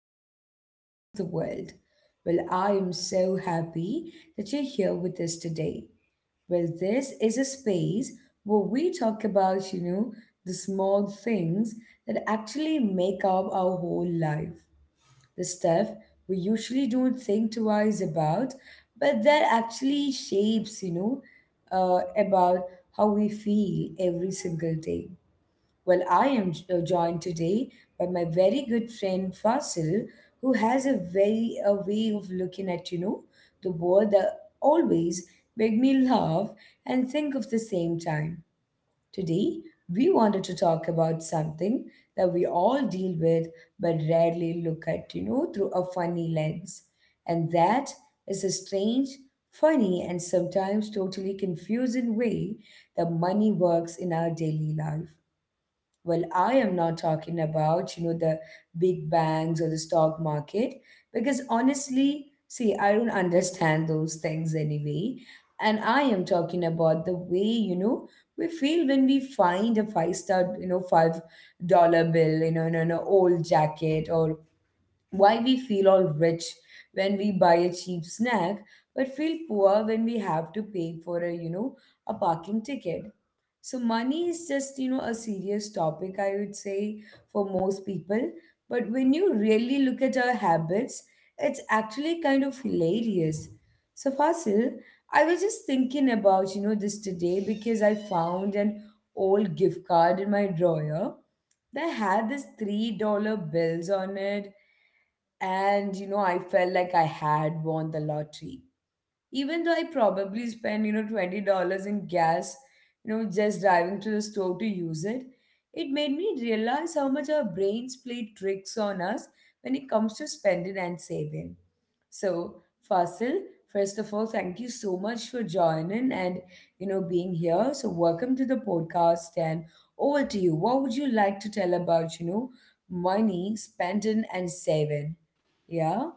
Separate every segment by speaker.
Speaker 1: little corner of the world. Well, I am so happy that you're here with us today. Well, this is a space where we talk about, the small things that actually make up our whole life. The stuff we usually don't think twice about, but that actually shapes, about how we feel every single day. Well, I am joined today by my very good friend Fasil, who has a way of looking at the world that always make me laugh and think of the same time. Today, we wanted to talk about something that we all deal with but rarely look at through a funny lens, and that is a strange, funny, and sometimes totally confusing way that money works in our daily life. Well, I am not talking about, the big banks or the stock market, because honestly, see, I don't understand those things anyway. And I am talking about the way, we feel when we find a $5 bill, in an old jacket, or why we feel all rich when we buy a cheap snack, but feel poor when we have to pay for a parking ticket. So money is just, a serious topic, I would say, for most people. But when you really look at our habits, it's actually kind of hilarious. So Fasil, I was just thinking about, this today because I found an old gift card in my drawer that had this $3 bills on it. And, I felt like I had won the lottery, even though I probably spend, $20 in gas, just driving to the store to use it. It made me realize how much our brains play tricks on us when it comes to spending and saving. So, Fasil, first of all, thank you so much for joining and, being here. So, welcome to the podcast, and over to you. What would you like to tell about, money, spending and saving? Yeah?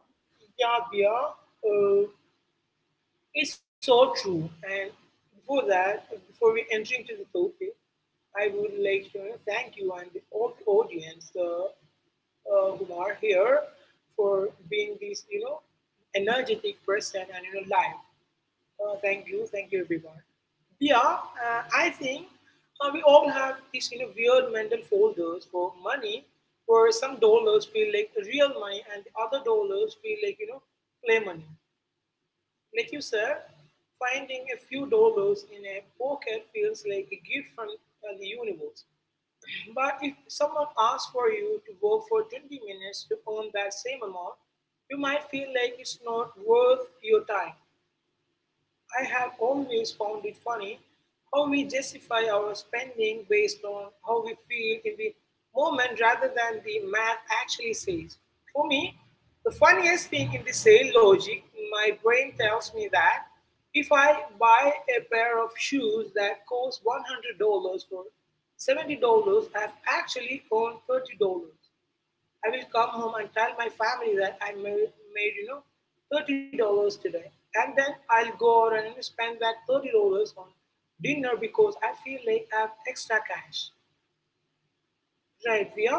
Speaker 2: Yeah, Bia, it's so true. And before that, before we enter into the topic, I would like to thank you and all the audience who are here for being this, energetic person and live. Thank you everyone. Yeah, I think we all have these weird mental folders for money, where some dollars feel like real money and the other dollars feel like play money. Lecussa, finding a few dollars in a pocket feels like a gift from the universe. But if someone asks for you to work for 20 minutes to earn that same amount, you might feel like it's not worth your time. I have always found it funny how we justify our spending based on how we feel in the moment rather than the math actually says. For me, the funniest thing in the sale logic, my brain tells me that if I buy a pair of shoes that cost $100 for $70, I've actually earned $30. I will come home and tell my family that I made $30 today, and then I'll go out and spend that $30 on dinner because I feel like I have extra cash. Right, Via?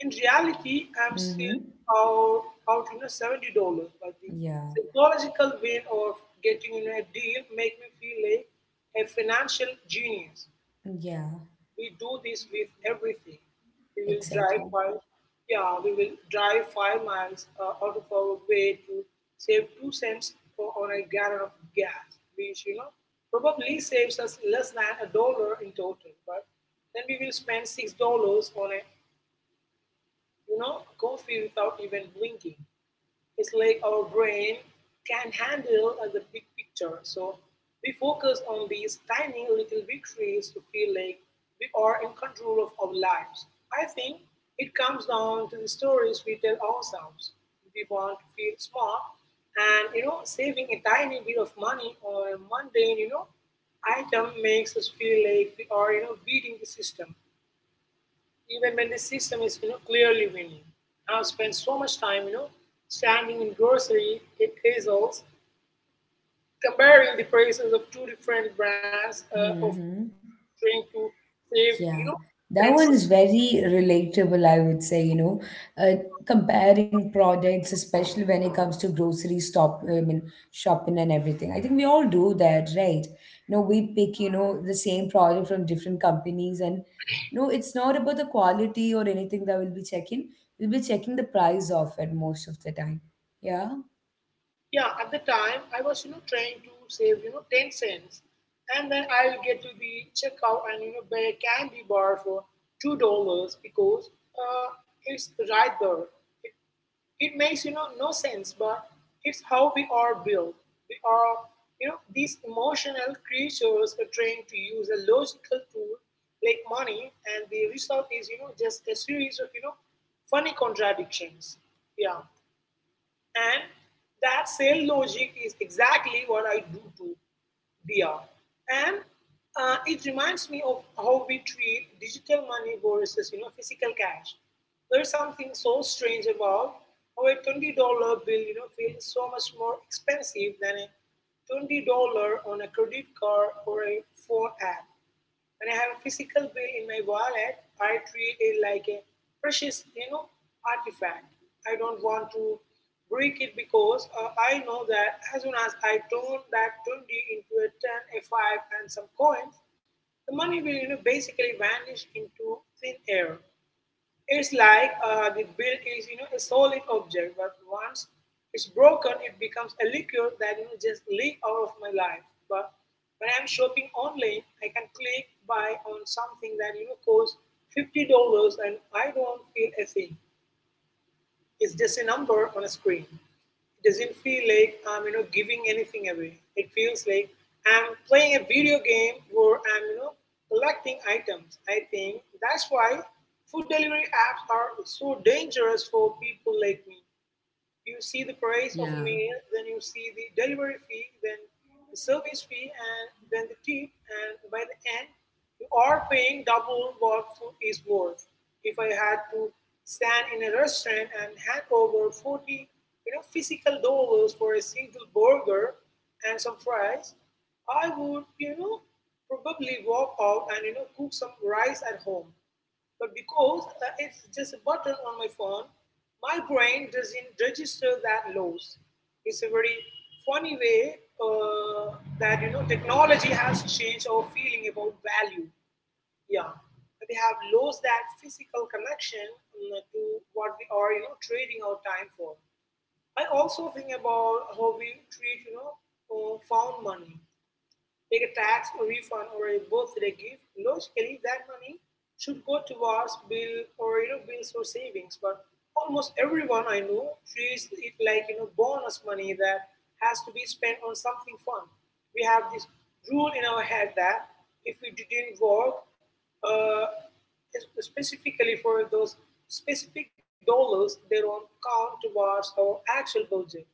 Speaker 2: In reality, I'm still
Speaker 1: Mm-hmm.
Speaker 2: out, out $70, but the
Speaker 1: Yeah.
Speaker 2: psychological win of getting a deal make me feel like a financial genius.
Speaker 1: Yeah.
Speaker 2: We do this with everything. We will drive
Speaker 1: Exactly.
Speaker 2: five, yeah, we will drive 5 miles out of our way to save 2 cents for, on a gallon of gas, which probably saves us less than a dollar in total. But then we will spend $6 on a coffee without even blinking. It's like our brain can handle the big picture. So we focus on these tiny little victories to feel like we are in control of our lives. I think it comes down to the stories we tell ourselves. We want to feel smart and saving a tiny bit of money or a mundane item makes us feel like we are beating the system even when the system is clearly winning. I've spent so much time standing in grocery aisles comparing the prices of two different brands of
Speaker 1: Hmm.
Speaker 2: trying to save
Speaker 1: Yeah, that
Speaker 2: ten
Speaker 1: one's
Speaker 2: cents.
Speaker 1: very relatable, I would say, uh, comparing products, especially when it comes to grocery stop, I mean, shopping and everything. I think we all do that, right? We pick, the same product from different companies, and no, it's not about the quality or anything that we'll be checking. We'll be checking the price of it most of the time. Yeah.
Speaker 2: Yeah, at the time I was trying to save 10 cents, and then I'll get to the checkout and buy a candy bar for $2 because uh, it's right there. It makes no sense, but it's how we are built. We are these emotional creatures are trained to use a logical tool like money, and the result is just a series of funny contradictions. Yeah. And that same logic is exactly what I do to Dia. And it reminds me of how we treat digital money versus physical cash. There's something so strange about how a $20 bill feels so much more expensive than a $20 on a credit card or a phone app. When I have a physical bill in my wallet, I treat it like a precious, artifact. I don't want to break it because I know that as soon as I turn that 20 into a 10, a 5 and some coins, the money will, basically vanish into thin air. It's like the bill is a solid object, but once it's broken, it becomes a liquid that just leak out of my life. But when I'm shopping online, I can click buy on something that costs $50, and I don't feel a thing. It's just a number on a screen. It doesn't feel like I'm giving anything away. It feels like I'm playing a video game where I'm collecting items. I think that's why food delivery apps are so dangerous for people like me. You see the price of a
Speaker 1: Yeah.
Speaker 2: meal, then you see the delivery fee, then the service fee, and then the tip, and by the end, you are paying double what food is worth. If I had to stand in a restaurant and hand over 40 physical dollars for a single burger and some fries, I would, probably walk out and, cook some rice at home. But because it's just a button on my phone, my brain doesn't register that loss. It's a very funny way that technology has changed our feeling about value. Yeah, we have lost that physical connection to what we are trading our time for. I also think about how we treat found money like a tax or refund or a birth. They give logically that money should go towards bill or bills or savings. But almost everyone I know treats it like bonus money that has to be spent on something fun. We have this rule in our head that if we didn't work uh, specifically for those specific dollars, they don't count towards our actual budget.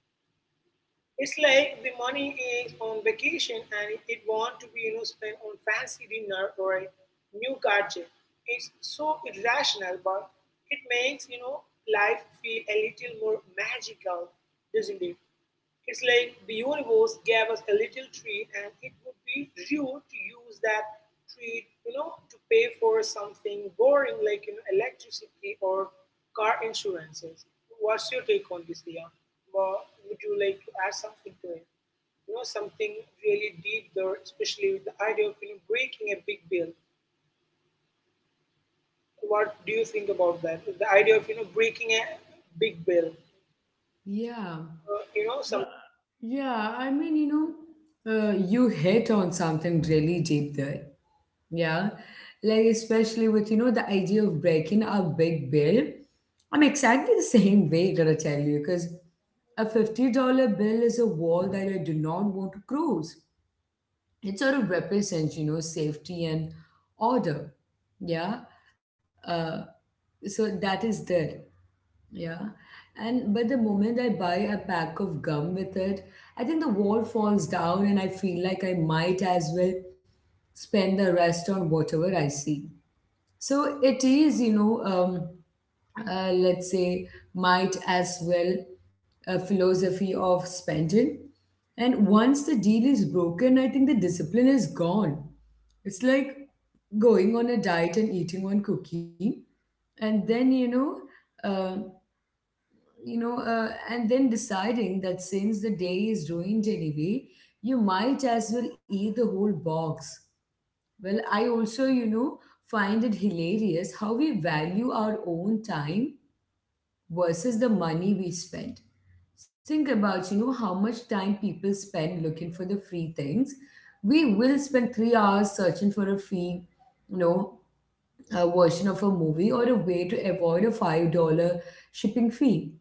Speaker 2: It's like the money is on vacation and it want to be spent on fancy dinner or a new gadget. It's so irrational, but it makes life feel a little more magical, doesn't it? It's like the universe gave us a little tree and it would be rude to use that tree to pay for something boring like electricity or car insurances. What's your take on this, Dia? Or would you like to add something to it? Something really deep there, especially with the idea of breaking a big bill. What do you think about that? The idea of breaking a big bill.
Speaker 1: Yeah.
Speaker 2: You know,
Speaker 1: Uh,
Speaker 2: some
Speaker 1: yeah, I mean, you hit on something really deep there. Yeah. Like, especially with, the idea of breaking a big bill. I'm exactly the same way, gotta tell you, because a $50 bill is a wall that I do not want to cross. It sort of represents, safety and order. Yeah. Uh, so that is there. Yeah. And but the moment I buy a pack of gum with it, I think the wall falls down and I feel like I might as well spend the rest on whatever I see. So it is, let's say, might as well a philosophy of spending. And once the deal is broken, I think the discipline is gone. It's like going on a diet and eating one cookie and then um you know, and then deciding that since the day is ruined anyway, you might as well eat the whole box. Well, I also, find it hilarious how we value our own time versus the money we spend. Think about, how much time people spend looking for the free things. We will spend 3 hours searching for a free, you know, a version of a movie or a way to avoid a $5 shipping fee.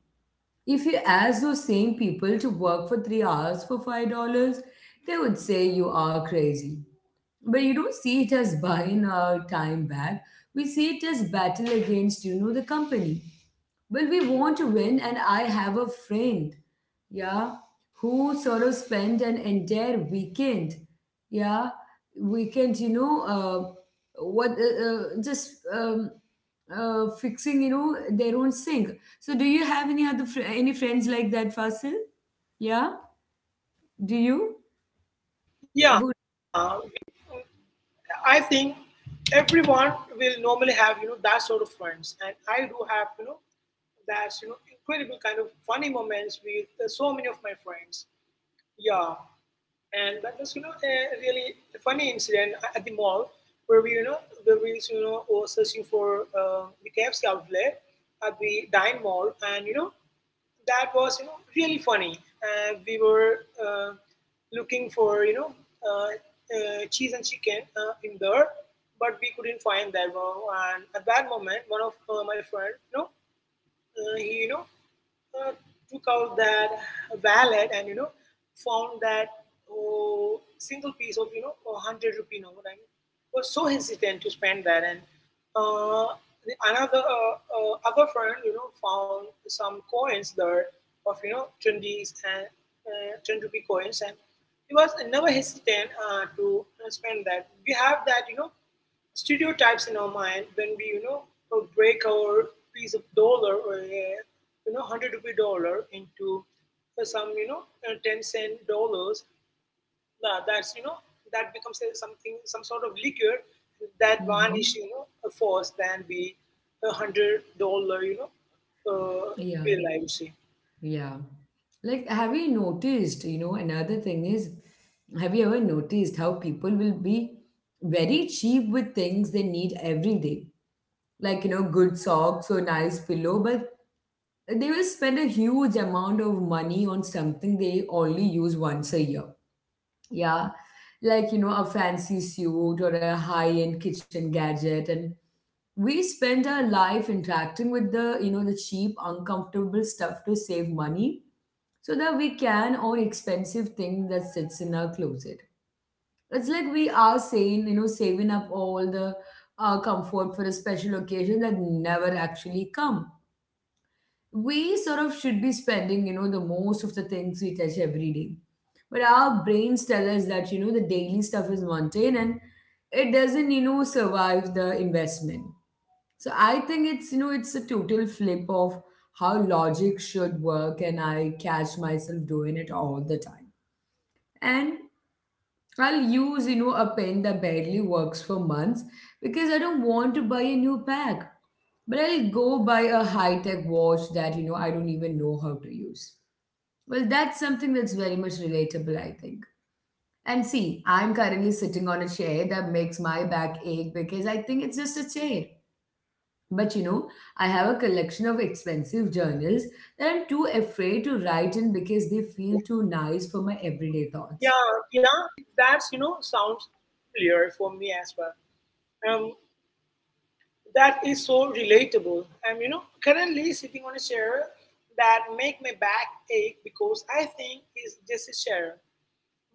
Speaker 1: If you ask those same people to work for 3 hours for $5, they would say you are crazy. But you don't see it as buying our time back. We see it as battle against, the company. Well, we want to win, and I have a friend, yeah, who sort of spent an entire weekend, yeah, weekend, you know, what, just fixing, their own sink. So, do you have any any friends like that, Fasil? Yeah, do you?
Speaker 2: yeah,
Speaker 1: Who?
Speaker 2: we I think everyone will normally have that sort of friends, and I do have that's incredible kind of funny moments with so many of my friends. Yeah, and that was a really funny incident at the mall where we were searching for the KFC outlet at the Dine Mall, and that was really funny. And we were looking for uh, cheese and chicken in there, but we couldn't find that one. And at that moment, one of my friend, he uh, took out that wallet and found that oh, single piece of a hundred rupee note and was so hesitant to spend that and uh, the another other friend found some coins there of 20s and 10 rupee coins and he was never hesitant to spend that. We have that stereotypes in our mind when we, break our piece of dollar or a, hundred rupee dollar into some, 10 cent dollars. That's, that becomes a, something, some sort of liquor. That one
Speaker 1: Hmm.
Speaker 2: is, a force than be $100, uh,
Speaker 1: Yeah.
Speaker 2: bill. I would say,
Speaker 1: Yeah. Like, have you noticed, another thing is, have you ever noticed how people will be very cheap with things they need every day? Like, good socks or nice pillow, but they will spend a huge amount of money on something they only use once a year. Yeah. Like, a fancy suit or a high-end kitchen gadget. And we spend our life interacting with the cheap, uncomfortable stuff to save money so that we can own expensive thing that sits in our closet. It's like we are saying, saving up all the comfort for a special occasion that never actually come. We sort of should be spending, the most of the things we touch every day. But our brains tell us that, the daily stuff is mundane and it doesn't, survive the investment. So I think it's a total flip of how logic should work, and I catch myself doing it all the time, and I'll use, a pen that barely works for months because I don't want to buy a new pack. But I'll go buy a high-tech watch that, I don't even know how to use. Well, that's something that's very much relatable, I think. And see, I'm currently sitting on a chair that makes my back ache because I think it's just a chair. But I have a collection of expensive journals that I'm too afraid to write in because they feel too nice for my everyday
Speaker 2: yeah,
Speaker 1: thoughts.
Speaker 2: yeah. Sounds familiar for me as well. Um, That is so relatable. I'm, currently sitting on a chair that make my back ache because I think it's just a chair.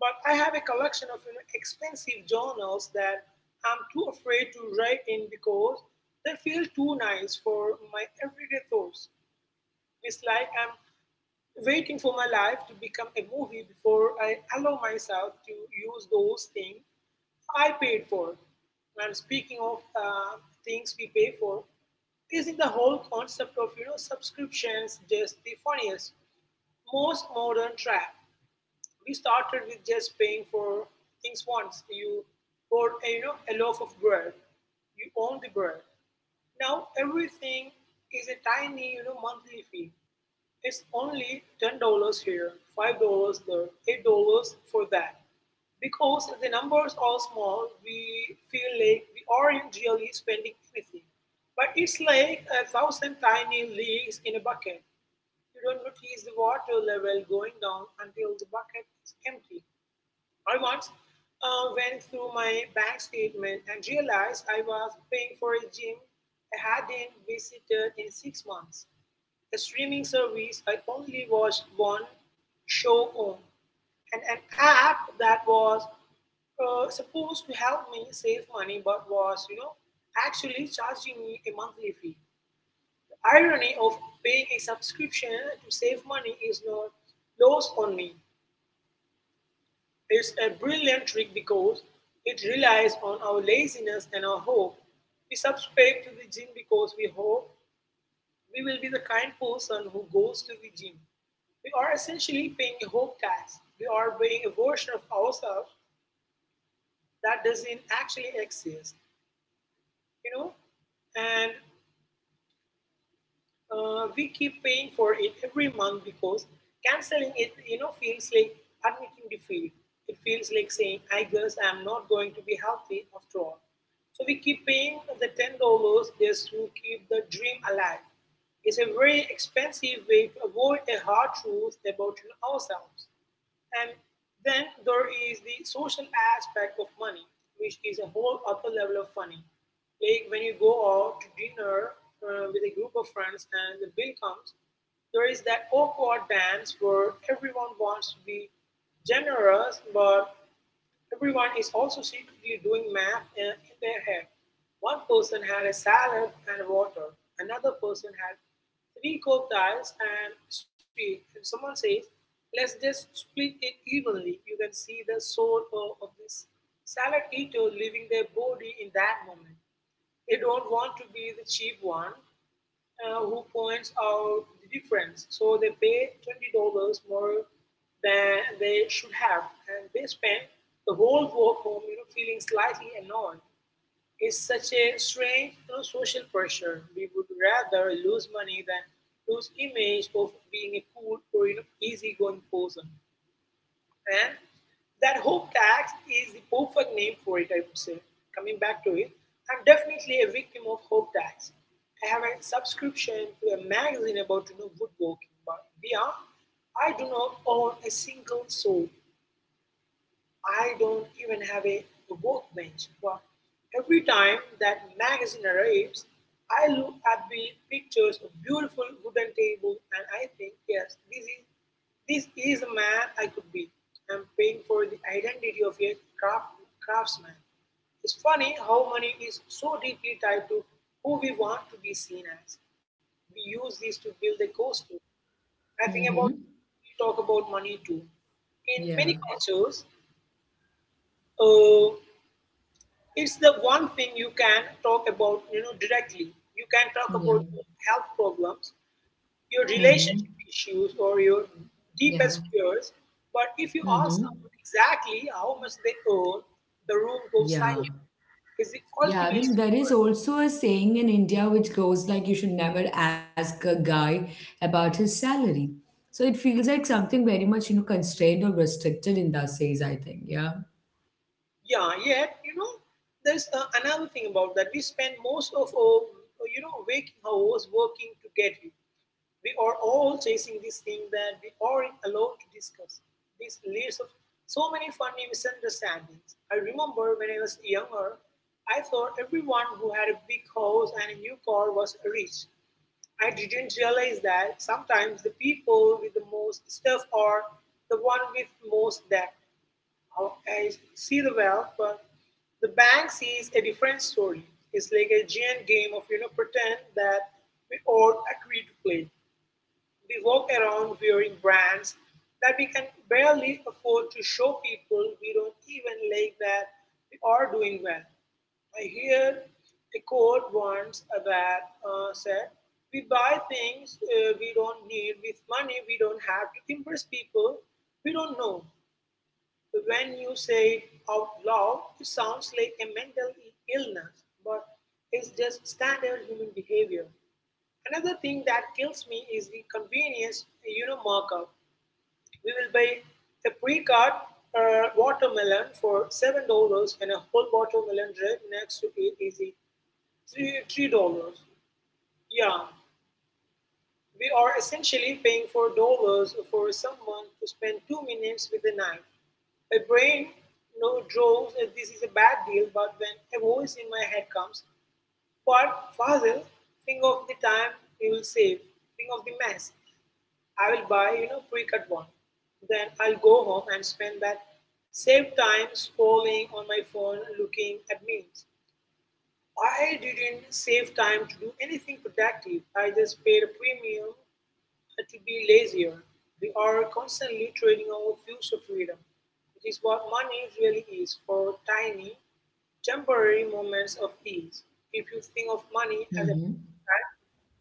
Speaker 2: But I have a collection of expensive journals that I'm too afraid to write in because they feel too nice for my everyday thoughts. It's like I'm waiting for my life to become a movie before I allow myself to use those things I paid for. And speaking of things we pay for, isn't the whole concept of subscriptions just the funniest, most modern trap? We started with just paying for things once. You bought a, a loaf of bread, you own the bread. Now everything is a tiny monthly fee. It's only $10 here, $5 there, $8 for that. Because the numbers are small, we feel like we aren't really spending anything. But it's like a thousand tiny leaks in a bucket. You don't notice the water level going down until the bucket is empty. I once went through my bank statement and realized I was paying for a gym I hadn't visited in 6 months, a streaming service I only watched one show on, and an app that was supposed to help me save money but was, actually charging me a monthly fee. The irony of paying a subscription to save money is not lost on me. It's a brilliant trick because it relies on our laziness and our hope. We subscribe to the gym because we hope we will be the kind person who goes to the gym. We are essentially paying a hope tax. We are buying a version of ourselves that doesn't actually exist, you know. And We keep paying for it every month because canceling it feels like admitting defeat. It feels like saying, I guess I'm not going to be healthy after all. So we keep paying the $10 just to keep the dream alive. It's a very expensive way to avoid a hard truth about ourselves. And then there is the social aspect of money, which is a whole other level of funny. Like when you go out to dinner with a group of friends and the bill comes, there is that awkward dance where everyone wants to be generous, but everyone is also secretly doing math in their head. One person had a salad and water, another person had three cooked ice and sweet. If someone says, let's just split it evenly, you can see the soul of, this salad eater leaving their body in that moment. They don't want to be the cheap one who points out the difference. So they pay $20 more than they should have, and they spend the whole walk home, feeling slightly annoyed. It's such a strange social pressure. We would rather lose money than lose image of being a cool or easygoing person. And that hope tax is the perfect name for it, I would say. Coming back to it, I'm definitely a victim of hope tax. I have a subscription to a magazine about woodworking, but beyond, I do not own a single soul. I don't even have a workbench, but every time that magazine arrives, I look at the pictures of beautiful wooden table and I think, yes, this is the man I could be. I'm paying for the identity of a craftsman. It's funny how money is so deeply tied to who we want to be seen as. We use this to build a costume. I think about
Speaker 1: Mm-hmm.
Speaker 2: we talk about money too. In many
Speaker 1: Yeah.
Speaker 2: cultures, uh, it's the one thing you can talk about directly. You can talk about
Speaker 1: Yeah.
Speaker 2: your health problems, your
Speaker 1: Mm-hmm.
Speaker 2: relationship issues, or your
Speaker 1: Yeah.
Speaker 2: deepest fears, but if you ask
Speaker 1: Mm-hmm.
Speaker 2: someone exactly how much they earn, the room goes
Speaker 1: Yeah.
Speaker 2: silent. Is the
Speaker 1: Yeah. I
Speaker 2: ultimate
Speaker 1: mean, there is
Speaker 2: secret.
Speaker 1: also a saying in India which goes like you should never ask a guy about his salary. So it feels like something very much, constrained or restricted in that says, I think. Yeah.
Speaker 2: Yeah, yet there's another thing about that we spend most of our waking hours working to get it. We are all chasing this thing that we aren't allowed to discuss. This leads to so many funny misunderstandings. I remember when I was younger, I thought everyone who had a big house and a new car was rich. I didn't realize that sometimes the people with the most stuff are the one with most debt. I see the wealth, but the bank sees a different story. It's like a giant game of pretend that we all agree to play. We walk around wearing brands that we can barely afford to show people we don't even like that we are doing well. I hear a quote once that said, we buy things we don't need with money we don't have to impress people we don't know. When you say it out loud, it sounds like a mental illness, but it's just standard human behavior. Another thing that kills me is the convenience markup. We will buy a pre-cut watermelon for $7, and a whole watermelon right next to it is the three dollars. Yeah, we are essentially paying $4 for someone to spend 2 minutes with a knife. My brain draws that this is a bad deal, but when a voice in my head comes, but Fazil, think of the time you will save, think of the mess, I will buy pre-cut one. Then I'll go home and spend that same time scrolling on my phone looking at memes. I didn't save time to do anything productive. I just paid a premium to be lazier. We are constantly trading our future freedom, which is what money really is for tiny, temporary moments of ease. If you think of money as a
Speaker 1: Mm-hmm.
Speaker 2: that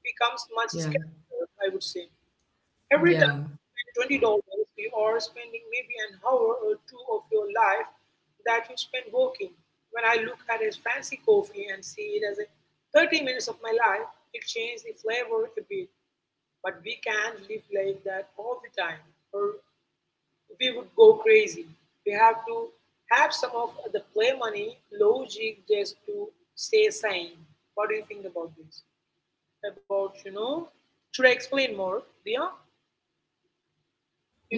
Speaker 2: becomes much
Speaker 1: Yeah.
Speaker 2: skeptical, I would say. Every
Speaker 1: Yeah.
Speaker 2: time you spend $20, you are spending maybe an hour or two of your life that you spend walking. When I look at a fancy coffee and see it as a 30 minutes of my life, it changes the flavor a bit. But we can't live like that all the time, or we would go crazy. We have to have some of the play money logic just to stay sane. What do you think about this? About, you know, should I explain more? Yeah,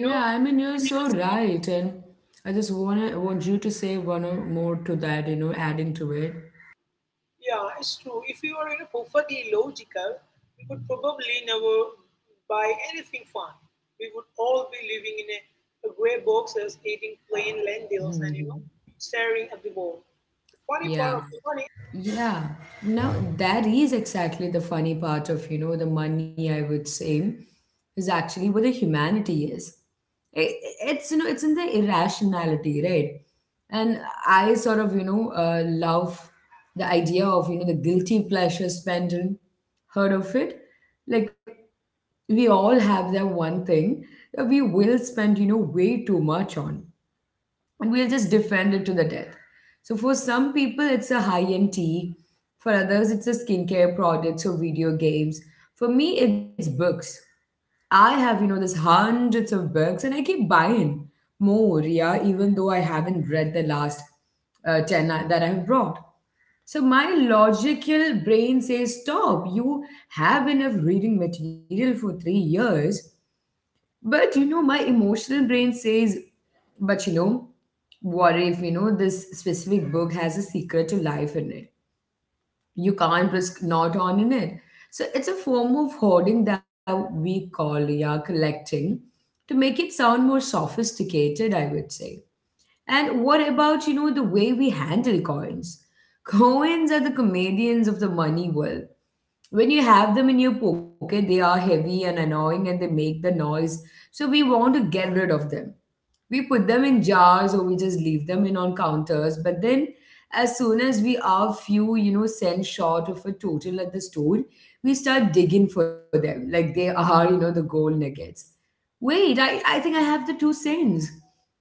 Speaker 2: you know,
Speaker 1: I mean, you're so right. And I just wanna want you to say one or more to that, adding to it.
Speaker 2: Yeah, it's true. If you are perfectly logical, we would probably never buy anything fun. We would all be living in a grey boxes, eating plain lentils, and
Speaker 1: Mm-hmm.
Speaker 2: staring at the wall. The funny part
Speaker 1: Yeah.
Speaker 2: of the money.
Speaker 1: Yeah. Now. Yeah, that is exactly the funny part of, the money, I would say, is actually where the humanity is. I- it's in the irrationality, right? And I sort of, love the idea of, the guilty pleasure spending. Heard of it? Like we all have that one thing that we will spend, way too much on, and we'll just defend it to the death. So for some people, it's a high-end tea. For others, it's a skincare products or video games. For me, it's books. I have, you know, there's hundreds of books and I keep buying more, yeah, even though I haven't read the last 10 that I've brought. So my logical brain says, stop, you have enough reading material for 3 years. But my emotional brain says, but what if this specific book has a secret to life in it? You can't risk not owning it. So it's a form of hoarding that we call yeah collecting, to make it sound more sophisticated, I would say. And what about the way we handle coins? Coins are the comedians of the money world. When you have them in your pocket, they are heavy and annoying and they make the noise, so we want to get rid of them. We put them in jars or we just leave them in on counters. But then, as soon as we are few cents short of a total at the store, we start digging for them like they are the gold nuggets. Wait, I think I have the 2 cents,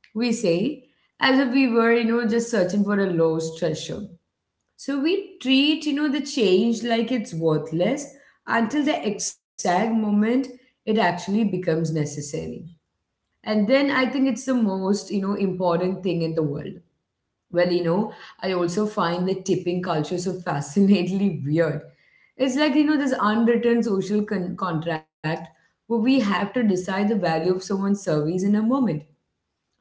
Speaker 1: we say, as if we were just searching for a lost treasure. So we treat, the change like it's worthless until the exact moment it actually becomes necessary. And then I think it's the most, important thing in the world. Well, I also find the tipping culture so fascinatingly weird. It's like, this unwritten social contract where we have to decide the value of someone's service in a moment,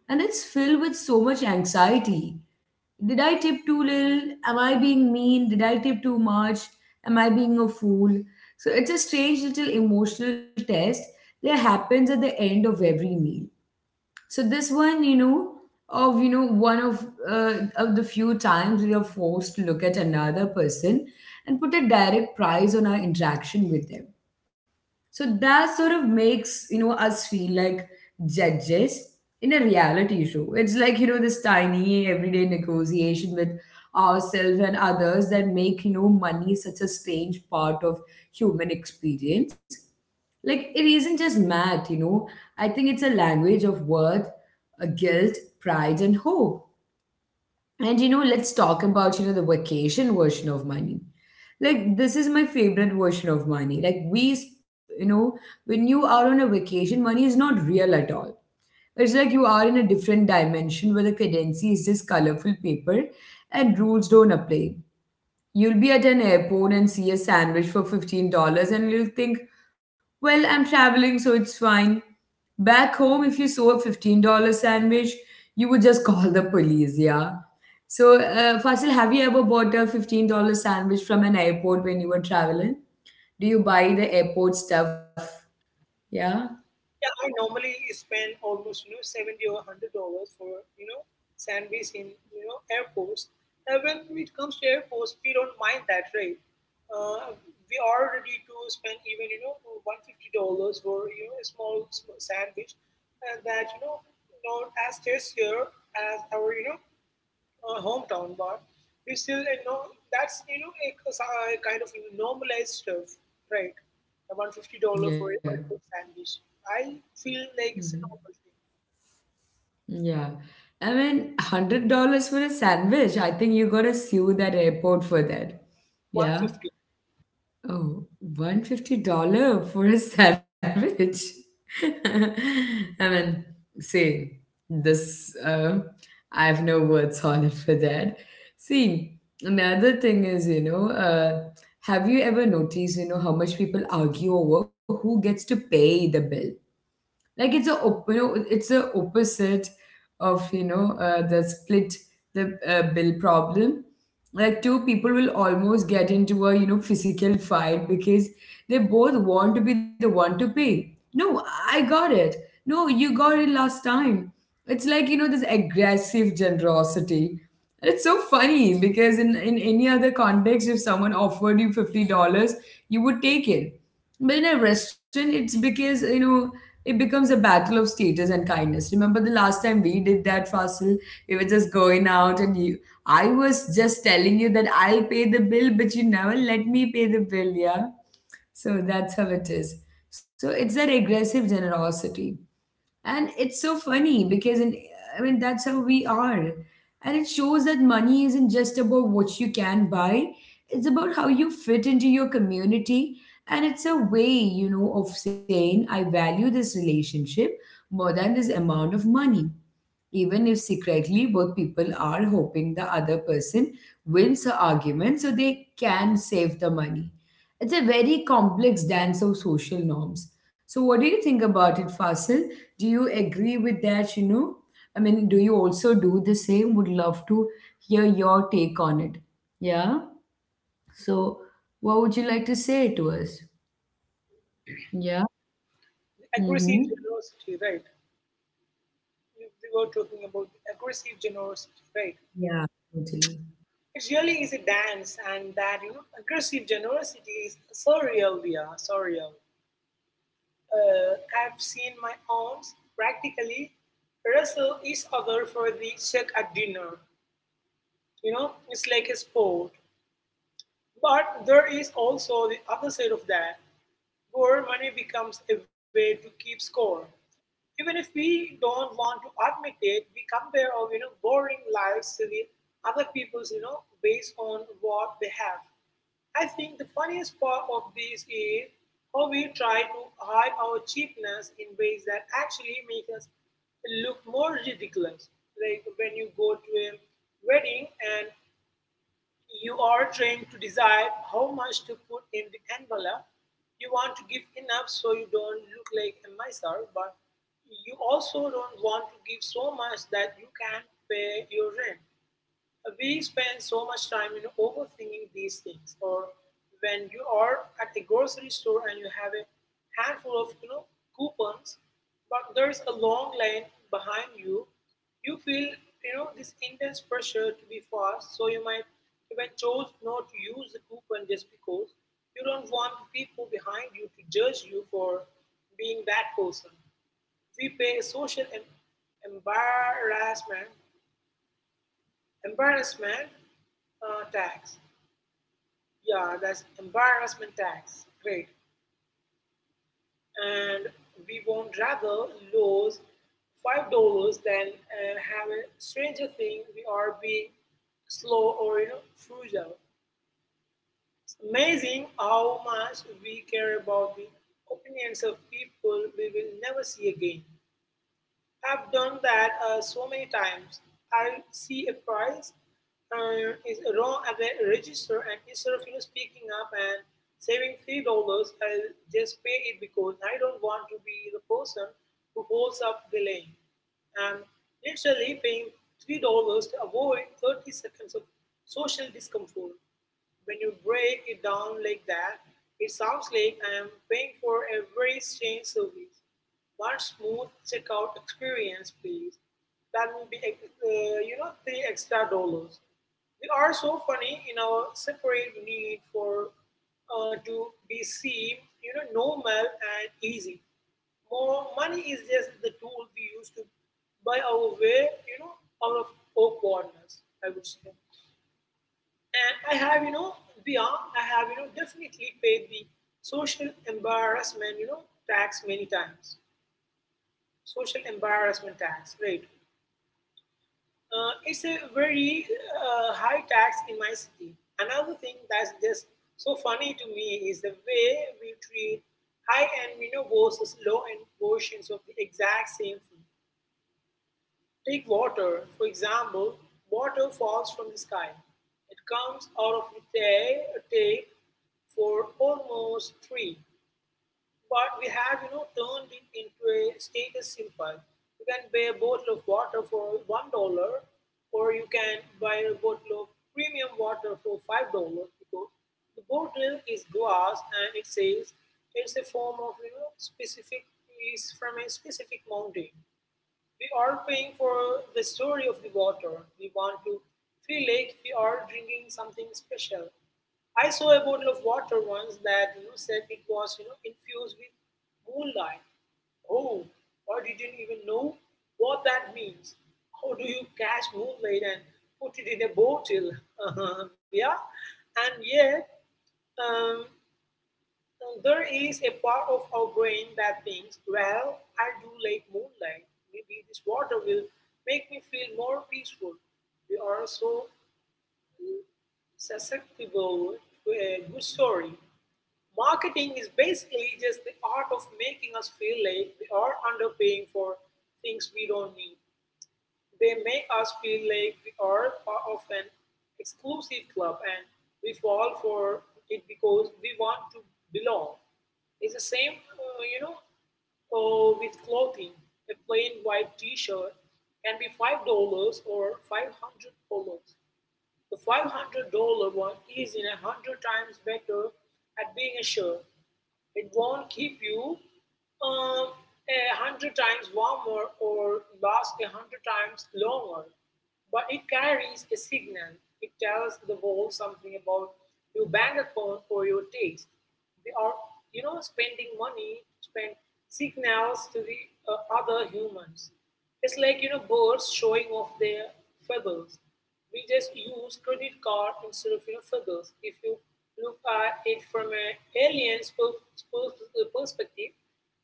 Speaker 1: and it's filled with so much anxiety. Did I tip too little? Am I being mean? Did I tip too much? Am I being a fool? So it's a strange little emotional test that happens at the end of every meal. So this one, you know, of you know one of the few times we are forced to look at another person and put a direct price on our interaction with them, so that sort of makes us feel like judges in a reality show. It's like, this tiny everyday negotiation with ourselves and others that make, money such a strange part of human experience. Like, it isn't just math, I think it's a language of worth, a guilt, pride, and hope. And let's talk about, the vacation version of money. Like, this is my favorite version of money. Like, we, s- you know, when you are on a vacation, money is not real at all. It's like you are in a different dimension where the currency is just colorful paper and rules don't apply. You'll be at an airport and see a sandwich for $15, and you'll think, well, I'm traveling, so it's fine. Back home, if you saw a $15 sandwich, you would just call the police. Yeah. So, Fasil, have you ever bought a $15 sandwich from an airport when you were traveling? Do you buy the airport stuff? Yeah?
Speaker 2: Yeah, I normally spend almost $70 or $100 for sandwich in airports. When it comes to airports, we don't mind that rate. Uh, we are ready to spend even $150 for a small sandwich, and that not as tastier as our hometown, bar. We still that's a kind of normalized stuff, right? A $150
Speaker 1: Yeah.
Speaker 2: for a sandwich. I feel like
Speaker 1: Mhm.
Speaker 2: it's a normal thing.
Speaker 1: Yeah. I mean, $100 for a sandwich. I think you gotta sue that airport for that.
Speaker 2: One hundred
Speaker 1: Yeah.
Speaker 2: fifty
Speaker 1: Oh, $150 for a sandwich. I mean, see, this, uh, I have no words on it for that. See, another thing is, have you ever noticed, how much people argue over who gets to pay the bill? Like, it's a opposite of the split, the bill problem. Like, two people will almost get into a, physical fight because they both want to be the one to pay. No, I got it. No, you got it last time. It's like, this aggressive generosity. And it's so funny because in any other context, if someone offered you $50, you would take it. But in a restaurant, it's because, it becomes a battle of status and kindness. Remember the last time we did that, Fasil? We were just going out, and you, I was just telling you that I'll pay the bill, but you never let me pay the bill, yeah? So that's how it is. So it's that aggressive generosity. And it's so funny because, in I mean, that's how we are. And it shows that money isn't just about what you can buy. It's about how you fit into your community, and it's a way, of saying, I value this relationship more than this amount of money, even if secretly both people are hoping the other person wins the argument so they can save the money. It's a very complex dance of social norms. So, what do you think about it, Fasil? Do you agree with that, I mean, do you also do the same? Would love to hear your take on it. Yeah. So, what would you like to say to us? Yeah. Mm-hmm.
Speaker 2: Aggressive generosity, right? We were talking about aggressive generosity, right?
Speaker 1: Yeah, totally.
Speaker 2: It really is a dance, and that aggressive generosity is so real, Via, so real. I've seen my aunts practically wrestle each other for the check at dinner. You know, it's like a sport. But there is also the other side of that, where money becomes a way to keep score. Even if we don't want to admit it, we compare our boring lives with other people's based on what they have. I think the funniest part of this is how we try to hide our cheapness in ways that actually make us look more ridiculous. Like when you go to a wedding and you are trying to decide how much to put in the envelope. You want to give enough so you don't look like a miser, but you also don't want to give so much that you can't pay your rent. We spend so much time in overthinking these things. Or when you are at a grocery store and you have a handful of coupons, but there's a long line behind you, you feel this intense pressure to be fast. So you might even chose not to use the coupon just because you don't want people behind you to judge you for being that person. We pay a social embarrassment embarrassment tax. Yeah, that's embarrassment tax. Great. And we won't rather lose $5 than have a stranger think we are being slow or frugal. It's amazing how much we care about the opinions of people we will never see again. I've done that so many times. I see a price is wrong at the register, and instead of speaking up and saving $3, I'll just pay it because I don't want to be the person who holds up the lane. I'm literally paying $3 to avoid 30 seconds of social discomfort. When you break it down like that, it sounds like I am paying for a very strange service. One smooth checkout experience, please. That will be, three extra dollars. We are so funny in our separate need for to be seen normal and easy. More money is just the tool we use to buy our way out of awkwardness. I would say. And I have, beyond, I have, definitely paid the social embarrassment, tax many times. Social embarrassment tax, right? It's a very high tax in my city. Another thing that's just so funny to me is the way we treat high-end, versus low-end versions of the exact same thing. Take water, for example. Water falls from the sky. It comes out of the for almost free. But we have, turned it into a status symbol. You can buy a bottle of water for $1, or you can buy a bottle of premium water for $5 because the bottle is glass and it says it's a form of, specific is from a specific mountain. We are paying for the story of the water. We want to feel like we are drinking something special. I saw a bottle of water once that said it was infused with moonlight. Oh, I didn't even know what that means. How do you catch moonlight and put it in a bottle? Yeah, and yet um, so there is a part of our brain that thinks, well, I do like moonlight. Maybe this water will make me feel more peaceful. We are so susceptible to a good story. Marketing is basically just the art of making us feel like we are underpaying for things we don't need. They make us feel like we are part of an exclusive club and we fall for it because we want to belong. It's the same, with clothing. A plain white t shirt can be $5 or $500. The $500 one is in a hundred times better at being a shirt. It won't keep you um, a hundred times warmer or last a hundred times longer, but it carries a signal. It tells the world something about your bank account or your taste. We are, spending money, spend signals to the other humans. It's like birds showing off their feathers. We just use credit card instead of feathers. If you look at it from an perspective,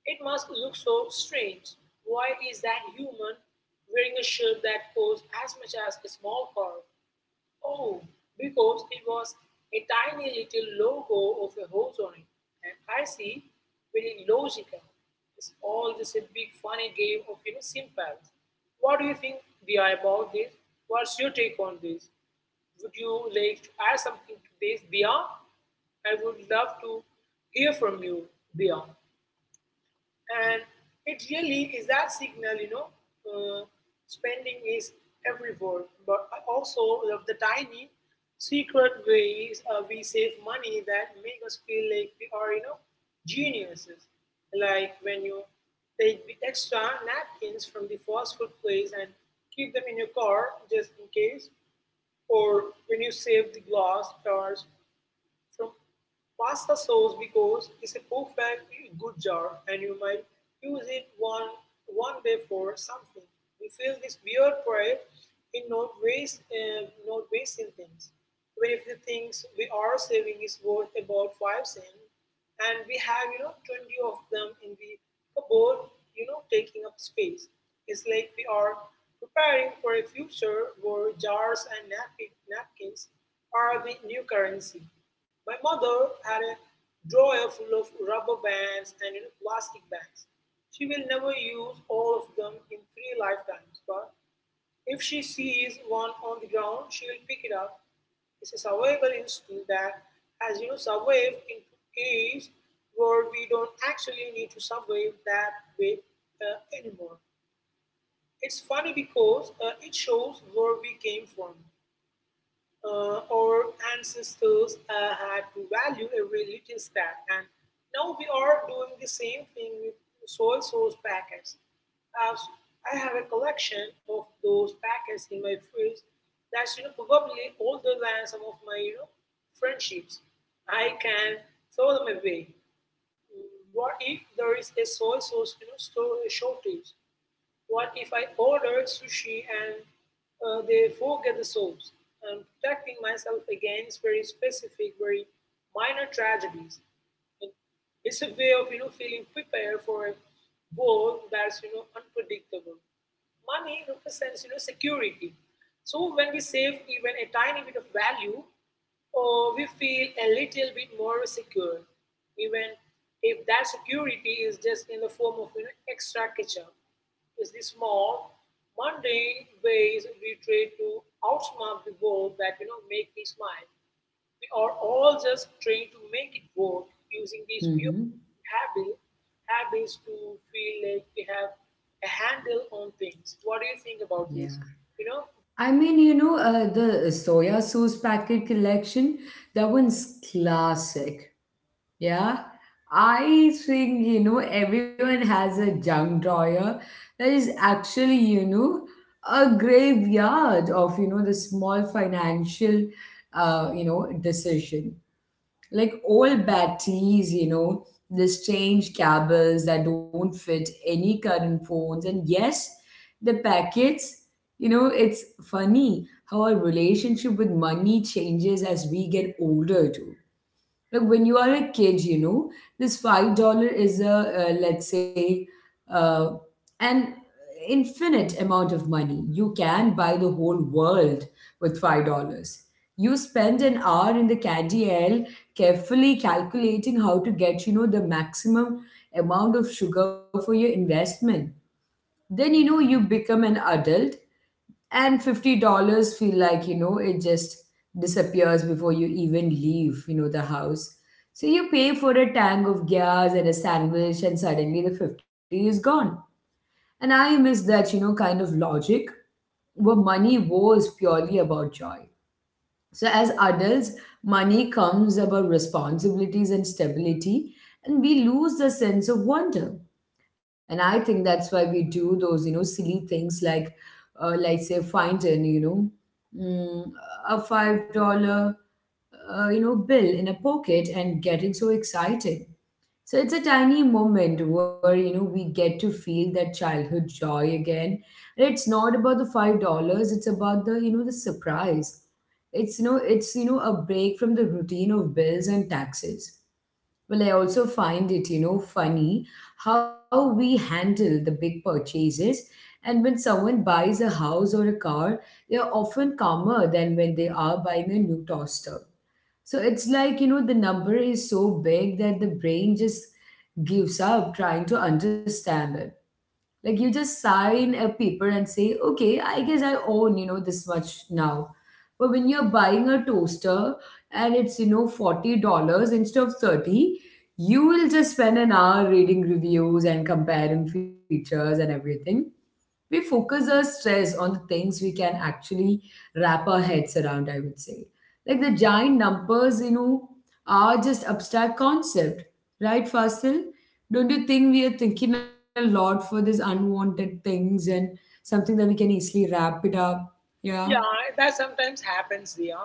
Speaker 2: it must look so strange. Why is that human wearing a shirt that costs as much as a small car? Oh, because it was a tiny little logo of a horse on it. And I see very logical. It's all just a big funny game of simples. What do you think we about this? What's your take on this? Would you like to add something to this, Dia? I would love to hear from you, Dia, and it really is that signal uh, spending is everywhere but also of the tiny secret ways we save money that make us feel like we are geniuses, like when you take the extra napkins from the fast food place and keep them in your car just in case, or when you save the glass jars from pasta sauce because it's a perfect good jar and you might use it one day for something. We feel this weird pride in not wasting things. Even if the things we are saving is worth about 5 cents, and we have, 20 of them in the cupboard, taking up space. It's like we are preparing for a future where jars and napkins are the new currency. My mother had a drawer full of rubber bands and, plastic bands. She will never use all of them in three lifetimes, but if she sees one on the ground, she will pick it up. It's a survival instinct that has survived into age where we don't actually need to survive that way anymore. It's funny because it shows where we came from. Our ancestors had to value every little stat, and now we are doing the same thing with soy sauce packets. Uh, I have a collection of those packets in my fridge that's probably older than some of my friendships. I can throw them away. What if there is a soy sauce store shortage? What if I ordered sushi and they forget the soaps? I'm protecting myself against very specific, very minor tragedies. It- It's a way of feeling prepared for a world that's unpredictable. Money represents security. So when we save even a tiny bit of value, we feel a little bit more secure, even if that security is just in the form of, extra ketchup, is the small, mundane ways we try to outsmart the world that make me smile. We are all just trying to make it work using these new
Speaker 1: Mm-hmm.
Speaker 2: habits habits to feel like we have a handle on things. What do you think about
Speaker 1: Yeah.
Speaker 2: this? You know,
Speaker 1: I mean, the soya sauce packet collection, that one's classic. Yeah. I think, everyone has a junk drawer that is actually, a graveyard of, the small financial, decision, like old batteries, you know, the strange cables that don't fit any current phones. And yes, the packets, it's funny how our relationship with money changes as we get older too. Like, when you are a kid, this $5 is a, let's say, uh, and infinite amount of money. You can buy the whole world with $5. You spend an hour in the candy aisle carefully calculating how to get, the maximum amount of sugar for your investment. Then, you become an adult and $50 feel like, it just disappears before you even leave, the house. So you pay for a tank of gas and a sandwich and suddenly the 50 is gone. And I miss that, kind of logic where money was purely about joy. So as adults, money comes about responsibilities and stability, and we lose the sense of wonder. And I think that's why we do those, silly things like say, find an, mm, a $5, bill in a pocket and getting so excited. So it's a tiny moment where we get to feel that childhood joy again. And it's not about the $5, it's about the the surprise. It's a break from the routine of bills and taxes. Well, I also find it funny how we handle the big purchases. And when someone buys a house or a car, they are often calmer than when they are buying a new toaster. So it's like, the number is so big that the brain just gives up trying to understand it. Like, you just sign a paper and say, okay, I guess I own, this much now. But when you're buying a toaster and it's, $40 instead of 30, you will just spend an hour reading reviews and comparing features. And everything, we focus our stress on the things we can actually wrap our heads around, I would say. Like, the giant numbers, are just abstract concept, right, Fasil? Don't you think we are thinking a lot for these unwanted things and something that we can easily wrap it up? Yeah.
Speaker 2: yeah, that sometimes happens. Yeah,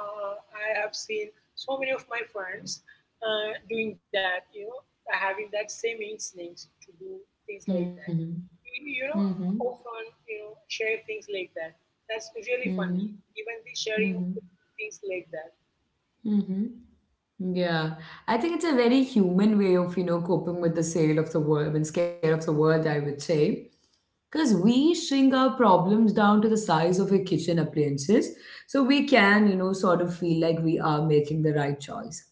Speaker 2: I have seen so many of my friends doing that. You know, having that same instincts to do things like that.
Speaker 1: Mm-hmm.
Speaker 2: You know,
Speaker 1: Mm-hmm.
Speaker 2: often share things like that. That's really
Speaker 1: Mm-hmm.
Speaker 2: funny. Even the sharing of
Speaker 1: Mm-hmm.
Speaker 2: things like that.
Speaker 1: Mm-hmm. Yeah, I think it's a very human way of, coping with the sale of the world and scare of the world, I would say. Because we shrink our problems down to the size of your kitchen appliances, so we can, sort of feel like we are making the right choice.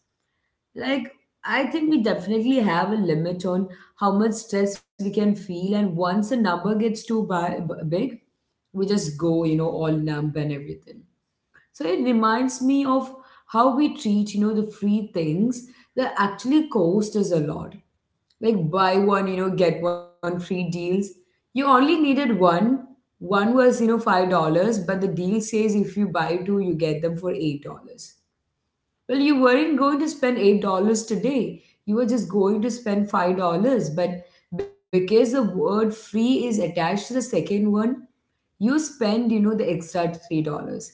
Speaker 1: Like, I think we definitely have a limit on how much stress we can feel, and once the number gets too big, we just go, all numb and everything. So it reminds me of how we treat, the free things that actually cost us a lot. Like buy one, get one free deals. You only needed one. One was, $5, but the deal says if you buy two, you get them for $8. Well, you weren't going to spend $8 today. You were just going to spend $5. But because the word free is attached to the second one, you spend, the extra $3.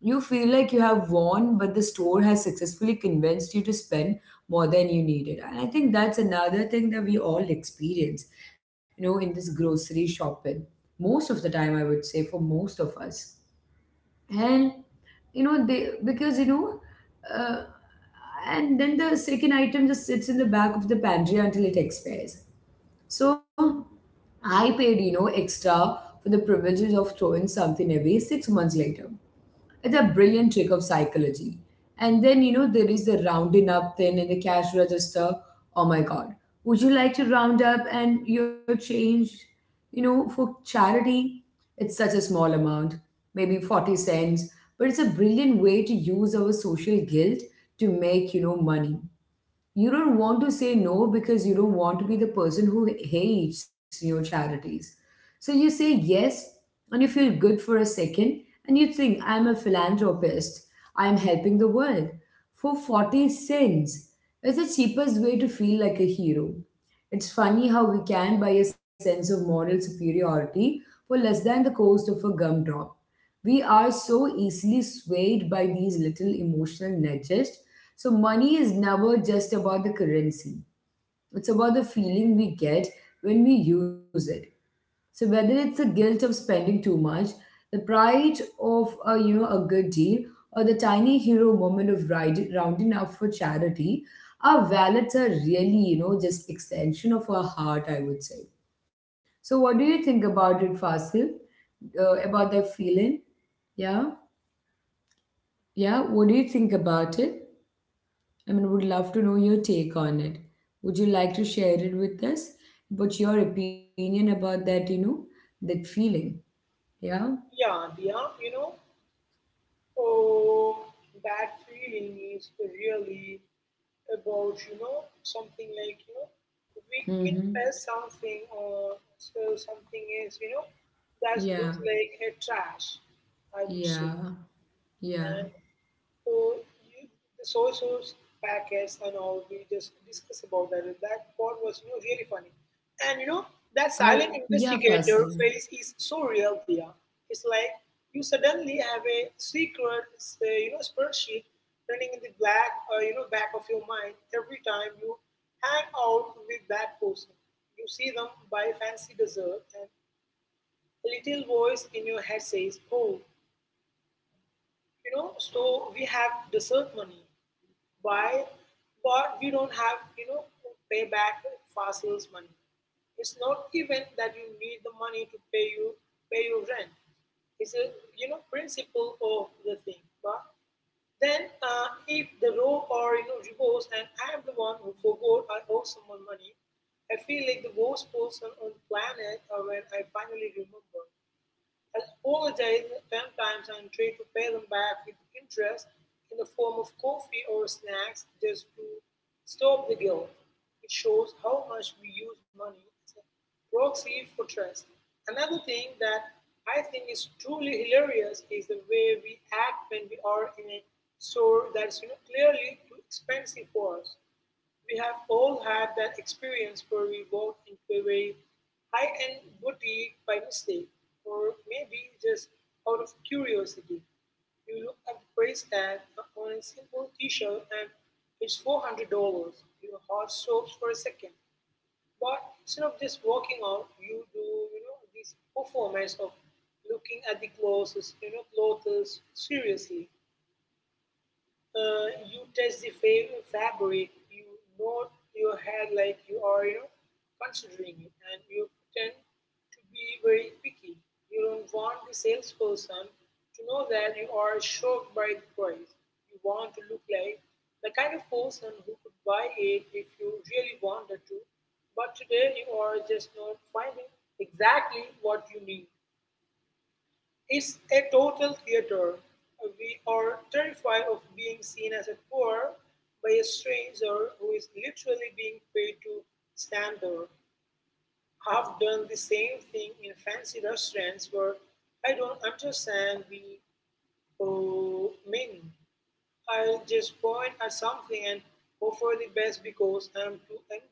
Speaker 1: You feel like you have won, but the store has successfully convinced you to spend more than you needed. And I think that's another thing that we all experience, in this grocery shopping. Most of the time, I would say, for most of us. And, you know, they, because, you know, uh, and then the second item just sits in the back of the pantry until it expires. So I paid, extra for the privileges of throwing something away 6 months later. It's a brilliant trick of psychology. And then, there is the rounding up thing in the cash register. Oh my God. Would you like to round up and your change, for charity? It's such a small amount, maybe 40 cents, but it's a brilliant way to use our social guilt to make, money. You don't want to say no because you don't want to be the person who hates your charities. So you say yes and you feel good for a second and you think, I'm a philanthropist, I'm helping the world for 40 cents. It's the cheapest way to feel like a hero. It's funny how we can buy a sense of moral superiority for less than the cost of a gumdrop. We are so easily swayed by these little emotional nudges, so money is never just about the currency. It's about the feeling we get when we use it. So whether it's the guilt of spending too much, the pride of a a good deal, or the tiny hero moment of riding, rounding up for charity, our wallets are really just extension of our heart. I would say. So what do you think about it, Fasil? About that feeling? Yeah, yeah. What do you think about it? I mean, would love to know your take on it. Would you like to share it with us? What's your opinion about that, that feeling? Yeah.
Speaker 2: Yeah, yeah. You know, oh, that feeling is really about something like we in
Speaker 1: Mm-hmm.
Speaker 2: as something, or so something is that
Speaker 1: Yeah.
Speaker 2: looks like a trash, I would say.
Speaker 1: Yeah. Yeah.
Speaker 2: or you- the soy sauce packets and all we just discuss about, that that part was really funny. And that silent
Speaker 1: Oh, yeah,
Speaker 2: investigator
Speaker 1: Fasil.
Speaker 2: face is so real there. It's like you suddenly have a secret, say, you know spreadsheet running in the black you know back of your mind every time you hang out with that person. You see them buy fancy dessert and a little voice in your head says, oh, so we have dessert money, why? But we don't have, to pay back fast sales money. It's not even that you need the money to pay your rent. It's a principle of the thing. But then, if the row, or reverse, and I am the one who forgot I owe someone money, I feel like the worst person on the planet when I finally remember and apologized 10 times and tried to pay them back with interest in the form of coffee or snacks just to stop the guilt. It shows how much we use money as a proxy for trust. Another thing that I think is truly hilarious is the way we act when we are in a store that's, clearly too expensive for us. We have all had that experience where we walk into a very high end boutique by mistake, or maybe just out of curiosity. You look at the price tag on a simple t shirt and it's $400. Your heart stops for a second. But instead of just walking out, you do, this performance of looking at the clothes seriously. You touch the fabric, you nod your head like you are, considering it, and you pretend to be very picky. You don't want the salesperson to know that you are shocked by the price. You want to look like the kind of person who could buy it if you really wanted to, but today you are just not finding exactly what you need. It's a total theater. We are terrified of being seen as a poor by a stranger who is literally being paid to stand there. I've done the same thing in fancy restaurants where I don't understand the menu. I'll just point at something and offer the best because I'm too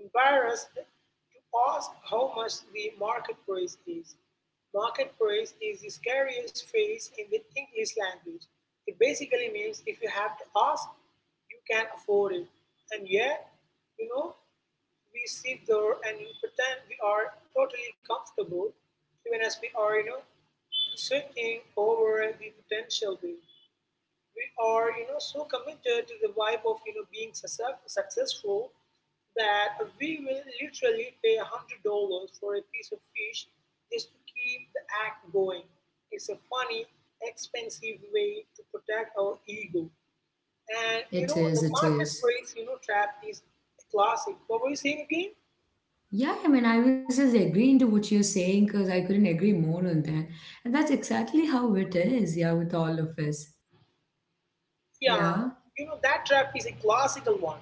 Speaker 2: embarrassed to ask how much the market price is. Market price is the scariest phrase in the English language. It basically means if you have to ask, you can afford it. And yet, you know, we sit there and we pretend we are totally comfortable, even as we are, sweating over the potential bill. We are so committed to the vibe of being successful that we will literally pay $100 for a piece of fish just to keep the act going. It's a funny, expensive way to protect our ego. And
Speaker 1: It is.
Speaker 2: the
Speaker 1: It
Speaker 2: market
Speaker 1: is.
Speaker 2: price trap is a classic. What were you saying again?
Speaker 1: Yeah, I mean, I was just agreeing to what you're saying because I couldn't agree more on that. And that's exactly how it is, yeah, with all of us.
Speaker 2: Yeah,
Speaker 1: Yeah.
Speaker 2: you know that trap is a classical one.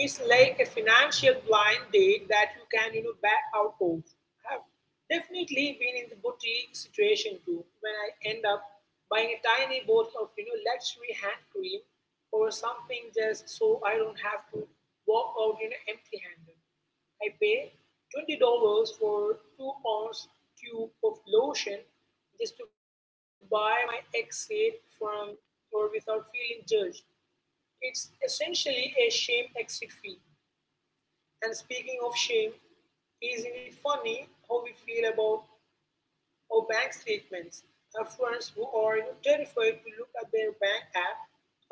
Speaker 2: It's like a financial blind date that you can, back out of. I've definitely been in the boutique situation too, when I end up buying a tiny bottle of, luxury hand cream or something just so I don't have to walk out, empty-handed. I pay $20 for 2 ounce tube of lotion just to buy my exit from or without feeling judged. It's essentially a shame exit fee. And speaking of shame, isn't it funny how we feel about our bank statements? Our friends who are, terrified to look at their bank app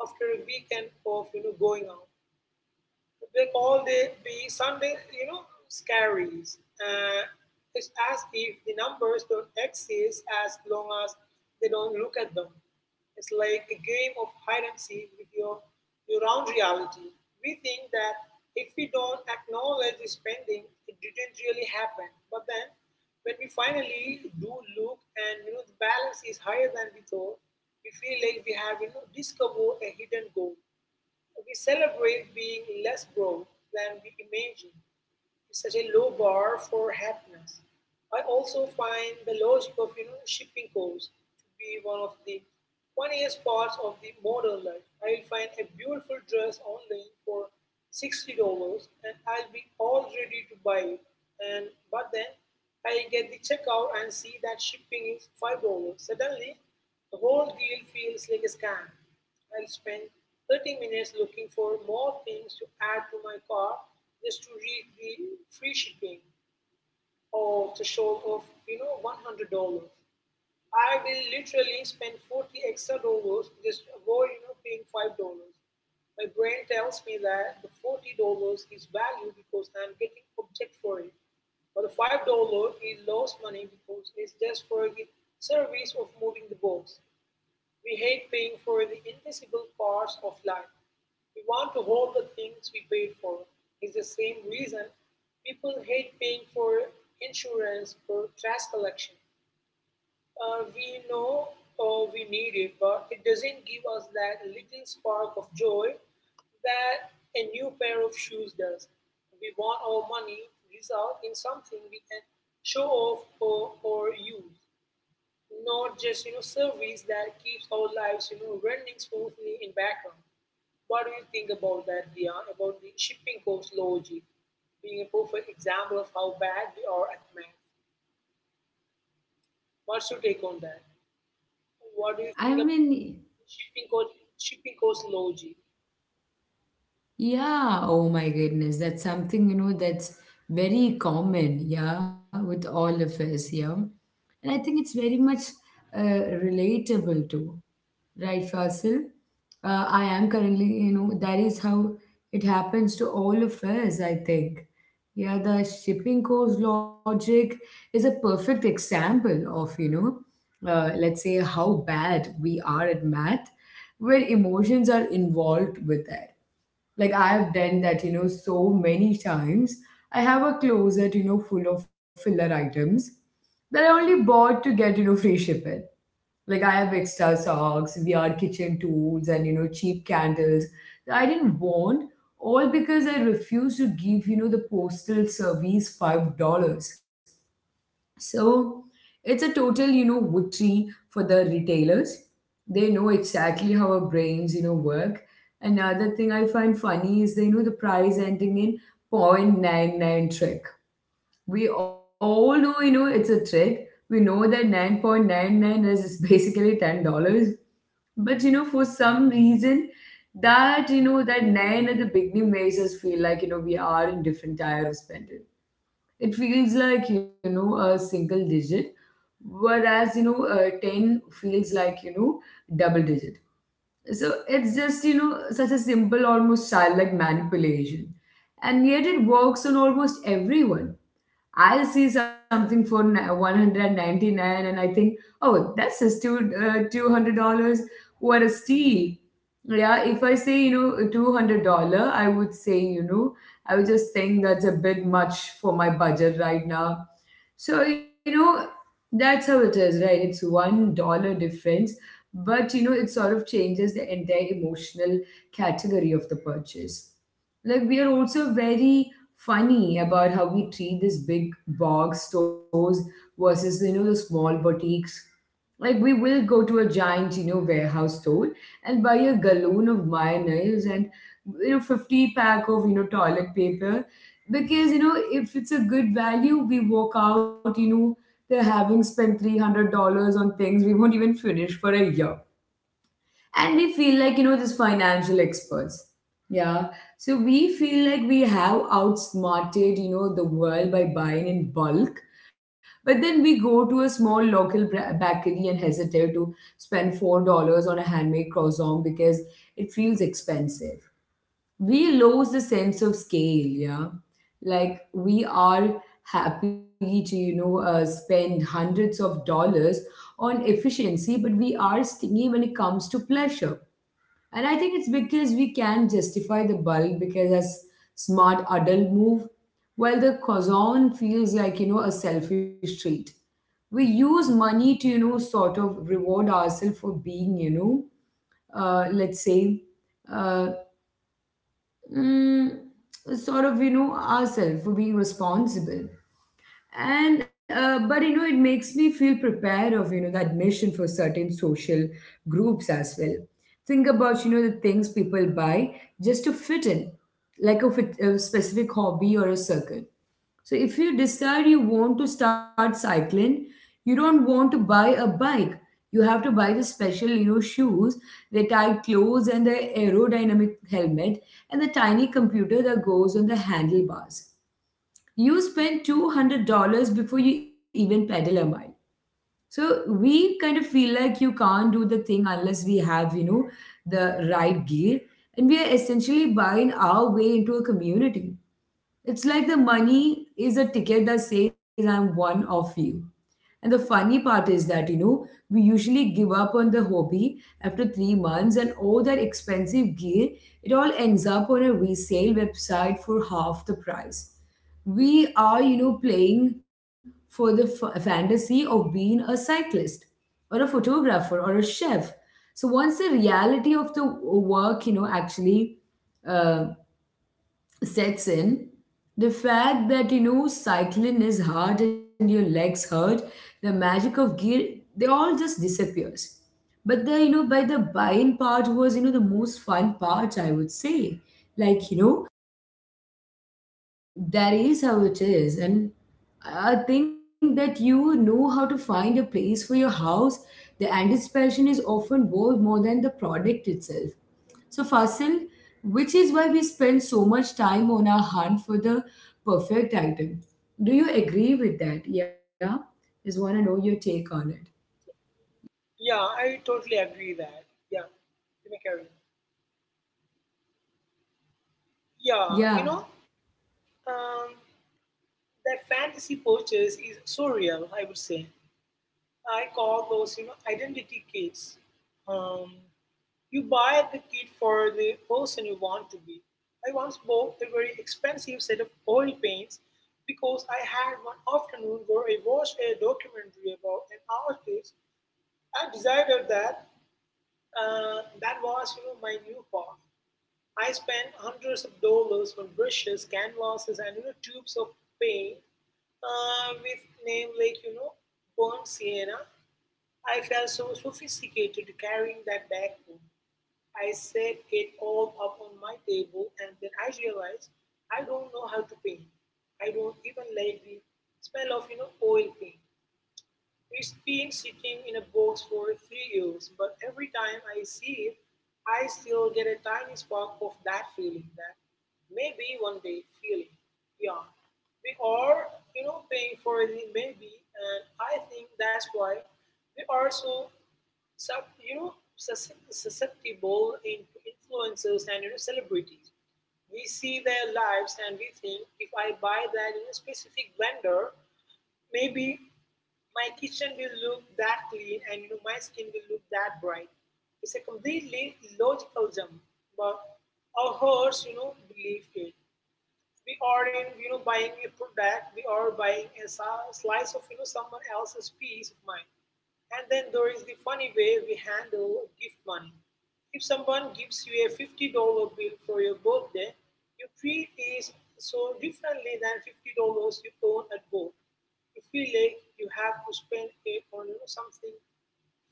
Speaker 2: after a weekend of going out. They call the Sunday, scaries. It's as if the numbers don't exist as long as they don't look at them. It's like a game of hide and seek with your own reality. We think that if we don't acknowledge the spending, it didn't really happen. But then, when we finally do look, and you know the balance is higher than we thought, we feel like we have discovered a hidden goal. We celebrate being less broke than we imagine. It's such a low bar for happiness. I also find the logic of shipping costs to be one of the funniest parts of the modern life. I'll find a beautiful dress online for $60, and I'll be all ready to buy it. And but then I get the checkout and see that shipping is $5. Suddenly, the whole deal feels like a scam. I'll spend 30 minutes looking for more things to add to my cart just to reach the free shipping of the show of $100. I will literally spend 40 extra dollars just to avoid paying $5. My brain tells me that the $40 is value because I'm getting object for it. But the $5 is lost money because it's just for the service of moving the box. We hate paying for the invisible parts of life. We want to hold the things we paid for. It's the same reason people hate paying for insurance or trash collection. Uh, we know we need it, but it doesn't give us that little spark of joy that a new pair of shoes does. We want our money to result in something we can show off or use, not just service that keeps our lives running smoothly in background. What do you think about that, Dia? About the shipping cost logic being a perfect example of how bad we are at math. What's your take on that? What do you
Speaker 1: I
Speaker 2: think about
Speaker 1: mean,
Speaker 2: shipping cost shipping cost logic?
Speaker 1: Yeah, oh my goodness. That's something, that's very common, yeah, with all of us, yeah. And I think it's very much uh, relatable too, right, Fasil? I am currently, that is how it happens to all of us, I think. Yeah, the shipping cost logic is a perfect example of, let's say how bad we are at math, where emotions are involved with like I have done that, so many times. I have a closet, full of filler items that I only bought to get, free shipping. Like I have extra socks, weird kitchen tools, and cheap candles that I didn't want, all because I refused to give, the postal service $5. So it's a total, victory for the retailers. They know exactly how our brains, work. Another thing I find funny is they know the price ending in point nine nine trick. We all know, it's a trick. We know that 9.99 is basically $10. But, for some reason, that 9 at the beginning makes us feel like, we are in different tier of spenders. It feels like a single digit, whereas 10 feels like double digit. So it's just such a simple, almost childlike manipulation, and yet it works on almost everyone. I'll see something for 199 and I think, oh, that's just $200. What a steal. Yeah, if I say, $200, I would say, I would just think that's a bit much for my budget right now. So, that's how it is, right? It's $1 difference, but, it sort of changes the entire emotional category of the purchase. Like we are also very funny about how we treat these big box stores versus the small boutiques. Like we will go to a giant warehouse store and buy a gallon of mayonnaise and 50 pack of toilet paper, because if it's a good value we walk out they're having spent $300 on things we won't even finish for a year, and we feel like these financial experts. Yeah. So we feel like we have outsmarted the world by buying in bulk. But then we go to a small local bakery and hesitate to spend $4 on a handmade croissant because it feels expensive. We lose the sense of scale, yeah. Like we are happy to spend hundreds of dollars on efficiency, but we are stingy when it comes to pleasure. And I think it's because we can justify the bulk because as smart adult move, while the cousin feels like, a selfish treat. We use money to, sort of reward ourselves for being, let's say, uh, mm, sort of, ourselves for being responsible. And but it makes me feel prepared of the admission for certain social groups as well. Think about the things people buy just to fit in, like a, fit, a specific hobby or a circle. So if you decide you want to start cycling, you don't want to buy a bike, you have to buy the special shoes, the tight clothes, and the aerodynamic helmet, and the tiny computer that goes on the handlebars. You spend $200 before you even pedal a mile. So we kind of feel like you can't do the thing unless we have the right gear, and we are essentially buying our way into a community. It's like the money is a ticket that says I'm one of you. And the funny part is that, we usually give up on the hobby after 3 months, and all that expensive gear, it all ends up on a resale website for half the price. We are, playing for the fantasy of being a cyclist or a photographer or a chef. So once the reality of the work, actually uh, sets in, the fact that cycling is hard and your legs hurt, the magic of gear, they all just disappears. But the by the buying part was the most fun part, I would say. Like that is how it is. And I think that how to find a place for your house. The anticipation is often worth more than the product itself. So, Fasil, which is why we spend so much time on our hunt for the perfect item. Do you agree with that? Yeah? Just want to know your take on it.
Speaker 2: Yeah, I totally agree that. Yeah, you may carry. Yeah,
Speaker 1: Yeah.
Speaker 2: um, that fantasy purchase is so real. I would say I call those, you know, identity kits. Um, you buy the kit for the person you want to be. I once bought a very expensive set of oil paints because I had one afternoon where I watched a documentary about an artist. I decided that that was, you know, my new path. I spent hundreds of dollars on brushes, canvases, and tubes of paint with name like burnt sienna. I felt so sophisticated carrying that bag home. I set it all up on my table, and then I realized I don't know how to paint. I don't even like the smell of oil paint. It's been sitting in a box for 3 years, but every time I see it, I still get a tiny spark of that feeling, that maybe one day feeling. Yeah. We are, you know, paying for the maybe, and I think that's why we are so sub, you know, susceptible into influencers and celebrities. We see their lives, and we think if I buy that, you know, specific blender, maybe my kitchen will look that clean, and my skin will look that bright. It's a completely logical jump, but our hearts, you know, believe it. We are in, buying a product, we are buying a slice of someone else's peace of mind. And then there is the funny way we handle gift money. If someone gives you a $50 bill for your birthday, you treat it so differently than $50 you earn at work. You feel like you have to spend it on, you know, something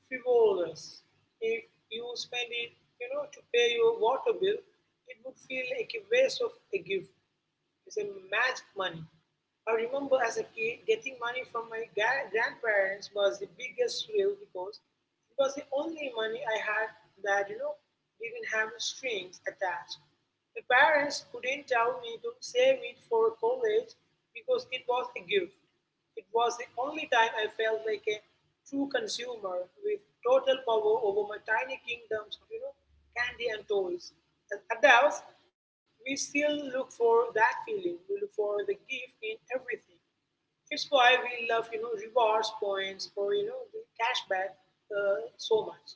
Speaker 2: frivolous. If you spend it, to pay your water bill, it would feel like a waste of a gift. It's a magic money. I remember as a kid, getting money from my grandparents was the biggest thrill, because it was the only money I had that, you know, didn't have strings attached. My parents couldn't tell me to save it for college because it was a gift. It was the only time I felt like a true consumer with total power over my tiny kingdoms of, candy and toys. As adults, we still look for that feeling. We look for the gift in everything. It's why we love, you know, rewards points or, the cashback, so much.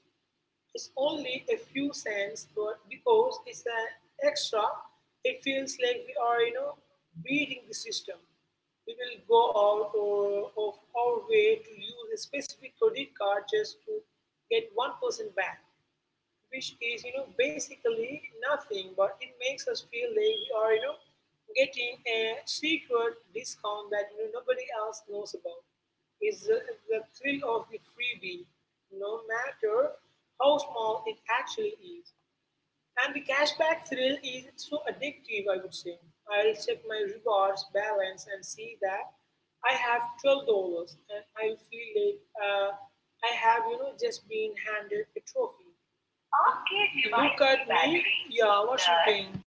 Speaker 2: It's only a few cents, but because it's an extra, it feels like we are, you know, beating the system. We will go of our way to use a specific credit card just to get 1% back, which is basically nothing, but it makes us feel like we are, getting a secret discount that nobody else knows about. It's the thrill of the freebie, no matter how small it actually is. And the cashback thrill is so addictive, I would say. I'll check my rewards balance and see that I have $12, and I feel like I have, you know, just been handed a trophy. आपके Look device की at the me. Battery Yeah, what's your thing को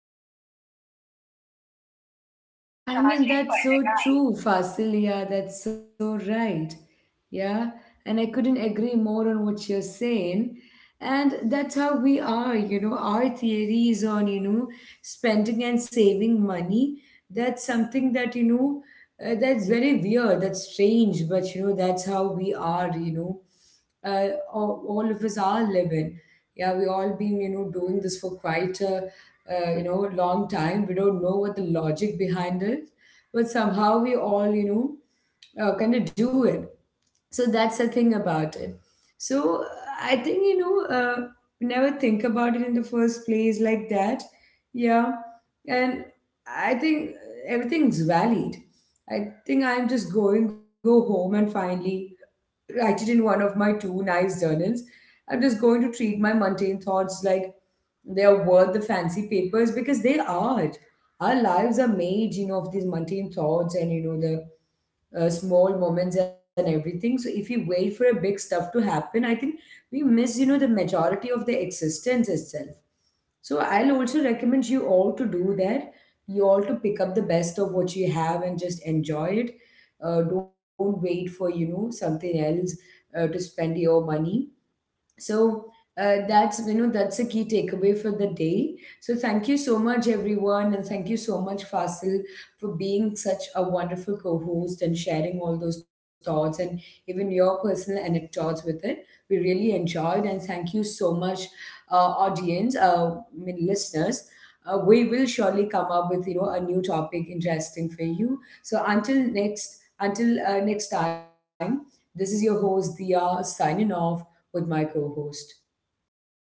Speaker 2: about this?
Speaker 1: I mean,
Speaker 2: charging
Speaker 1: that's
Speaker 2: पर
Speaker 1: so
Speaker 2: लगाएं
Speaker 1: true, Fasilia. That's so right. Yeah. And I couldn't agree more on what you're saying. And that's how we are, our theories on, spending and saving money. That's something that, that's very weird. That's strange. But, that's how we are, you know. All of us are living. Yeah, we all been, doing this for quite a long time. We don't know what the logic behind is, but somehow we all kind of do it. So that's the thing about it. So I think we never think about it in the first place like that. Yeah. And I think everything's valid. I think I'm just going go home and finally write it in one of my two nice journals. I'm just going to treat my mundane thoughts like they're worth the fancy papers because they are. Our lives are made, of these mundane thoughts and you know the small moments and everything. So if we wait for a big stuff to happen, I think we miss, the majority of the existence itself. So I'll also recommend you all to do that. You all to pick up the best of what you have and just enjoy it. Don't wait for something else to spend your money. So that's that's a key takeaway for the day. So thank you so much everyone, and thank you so much Fasil for being such a wonderful co-host and sharing all those thoughts and even your personal anecdotes with it. We really enjoyed. And thank you so much uh, audience, I mean, listeners, we will surely come up with a new topic interesting for you. So until next time, this is your host Dia signing off with my co host. Bye bye, everyone.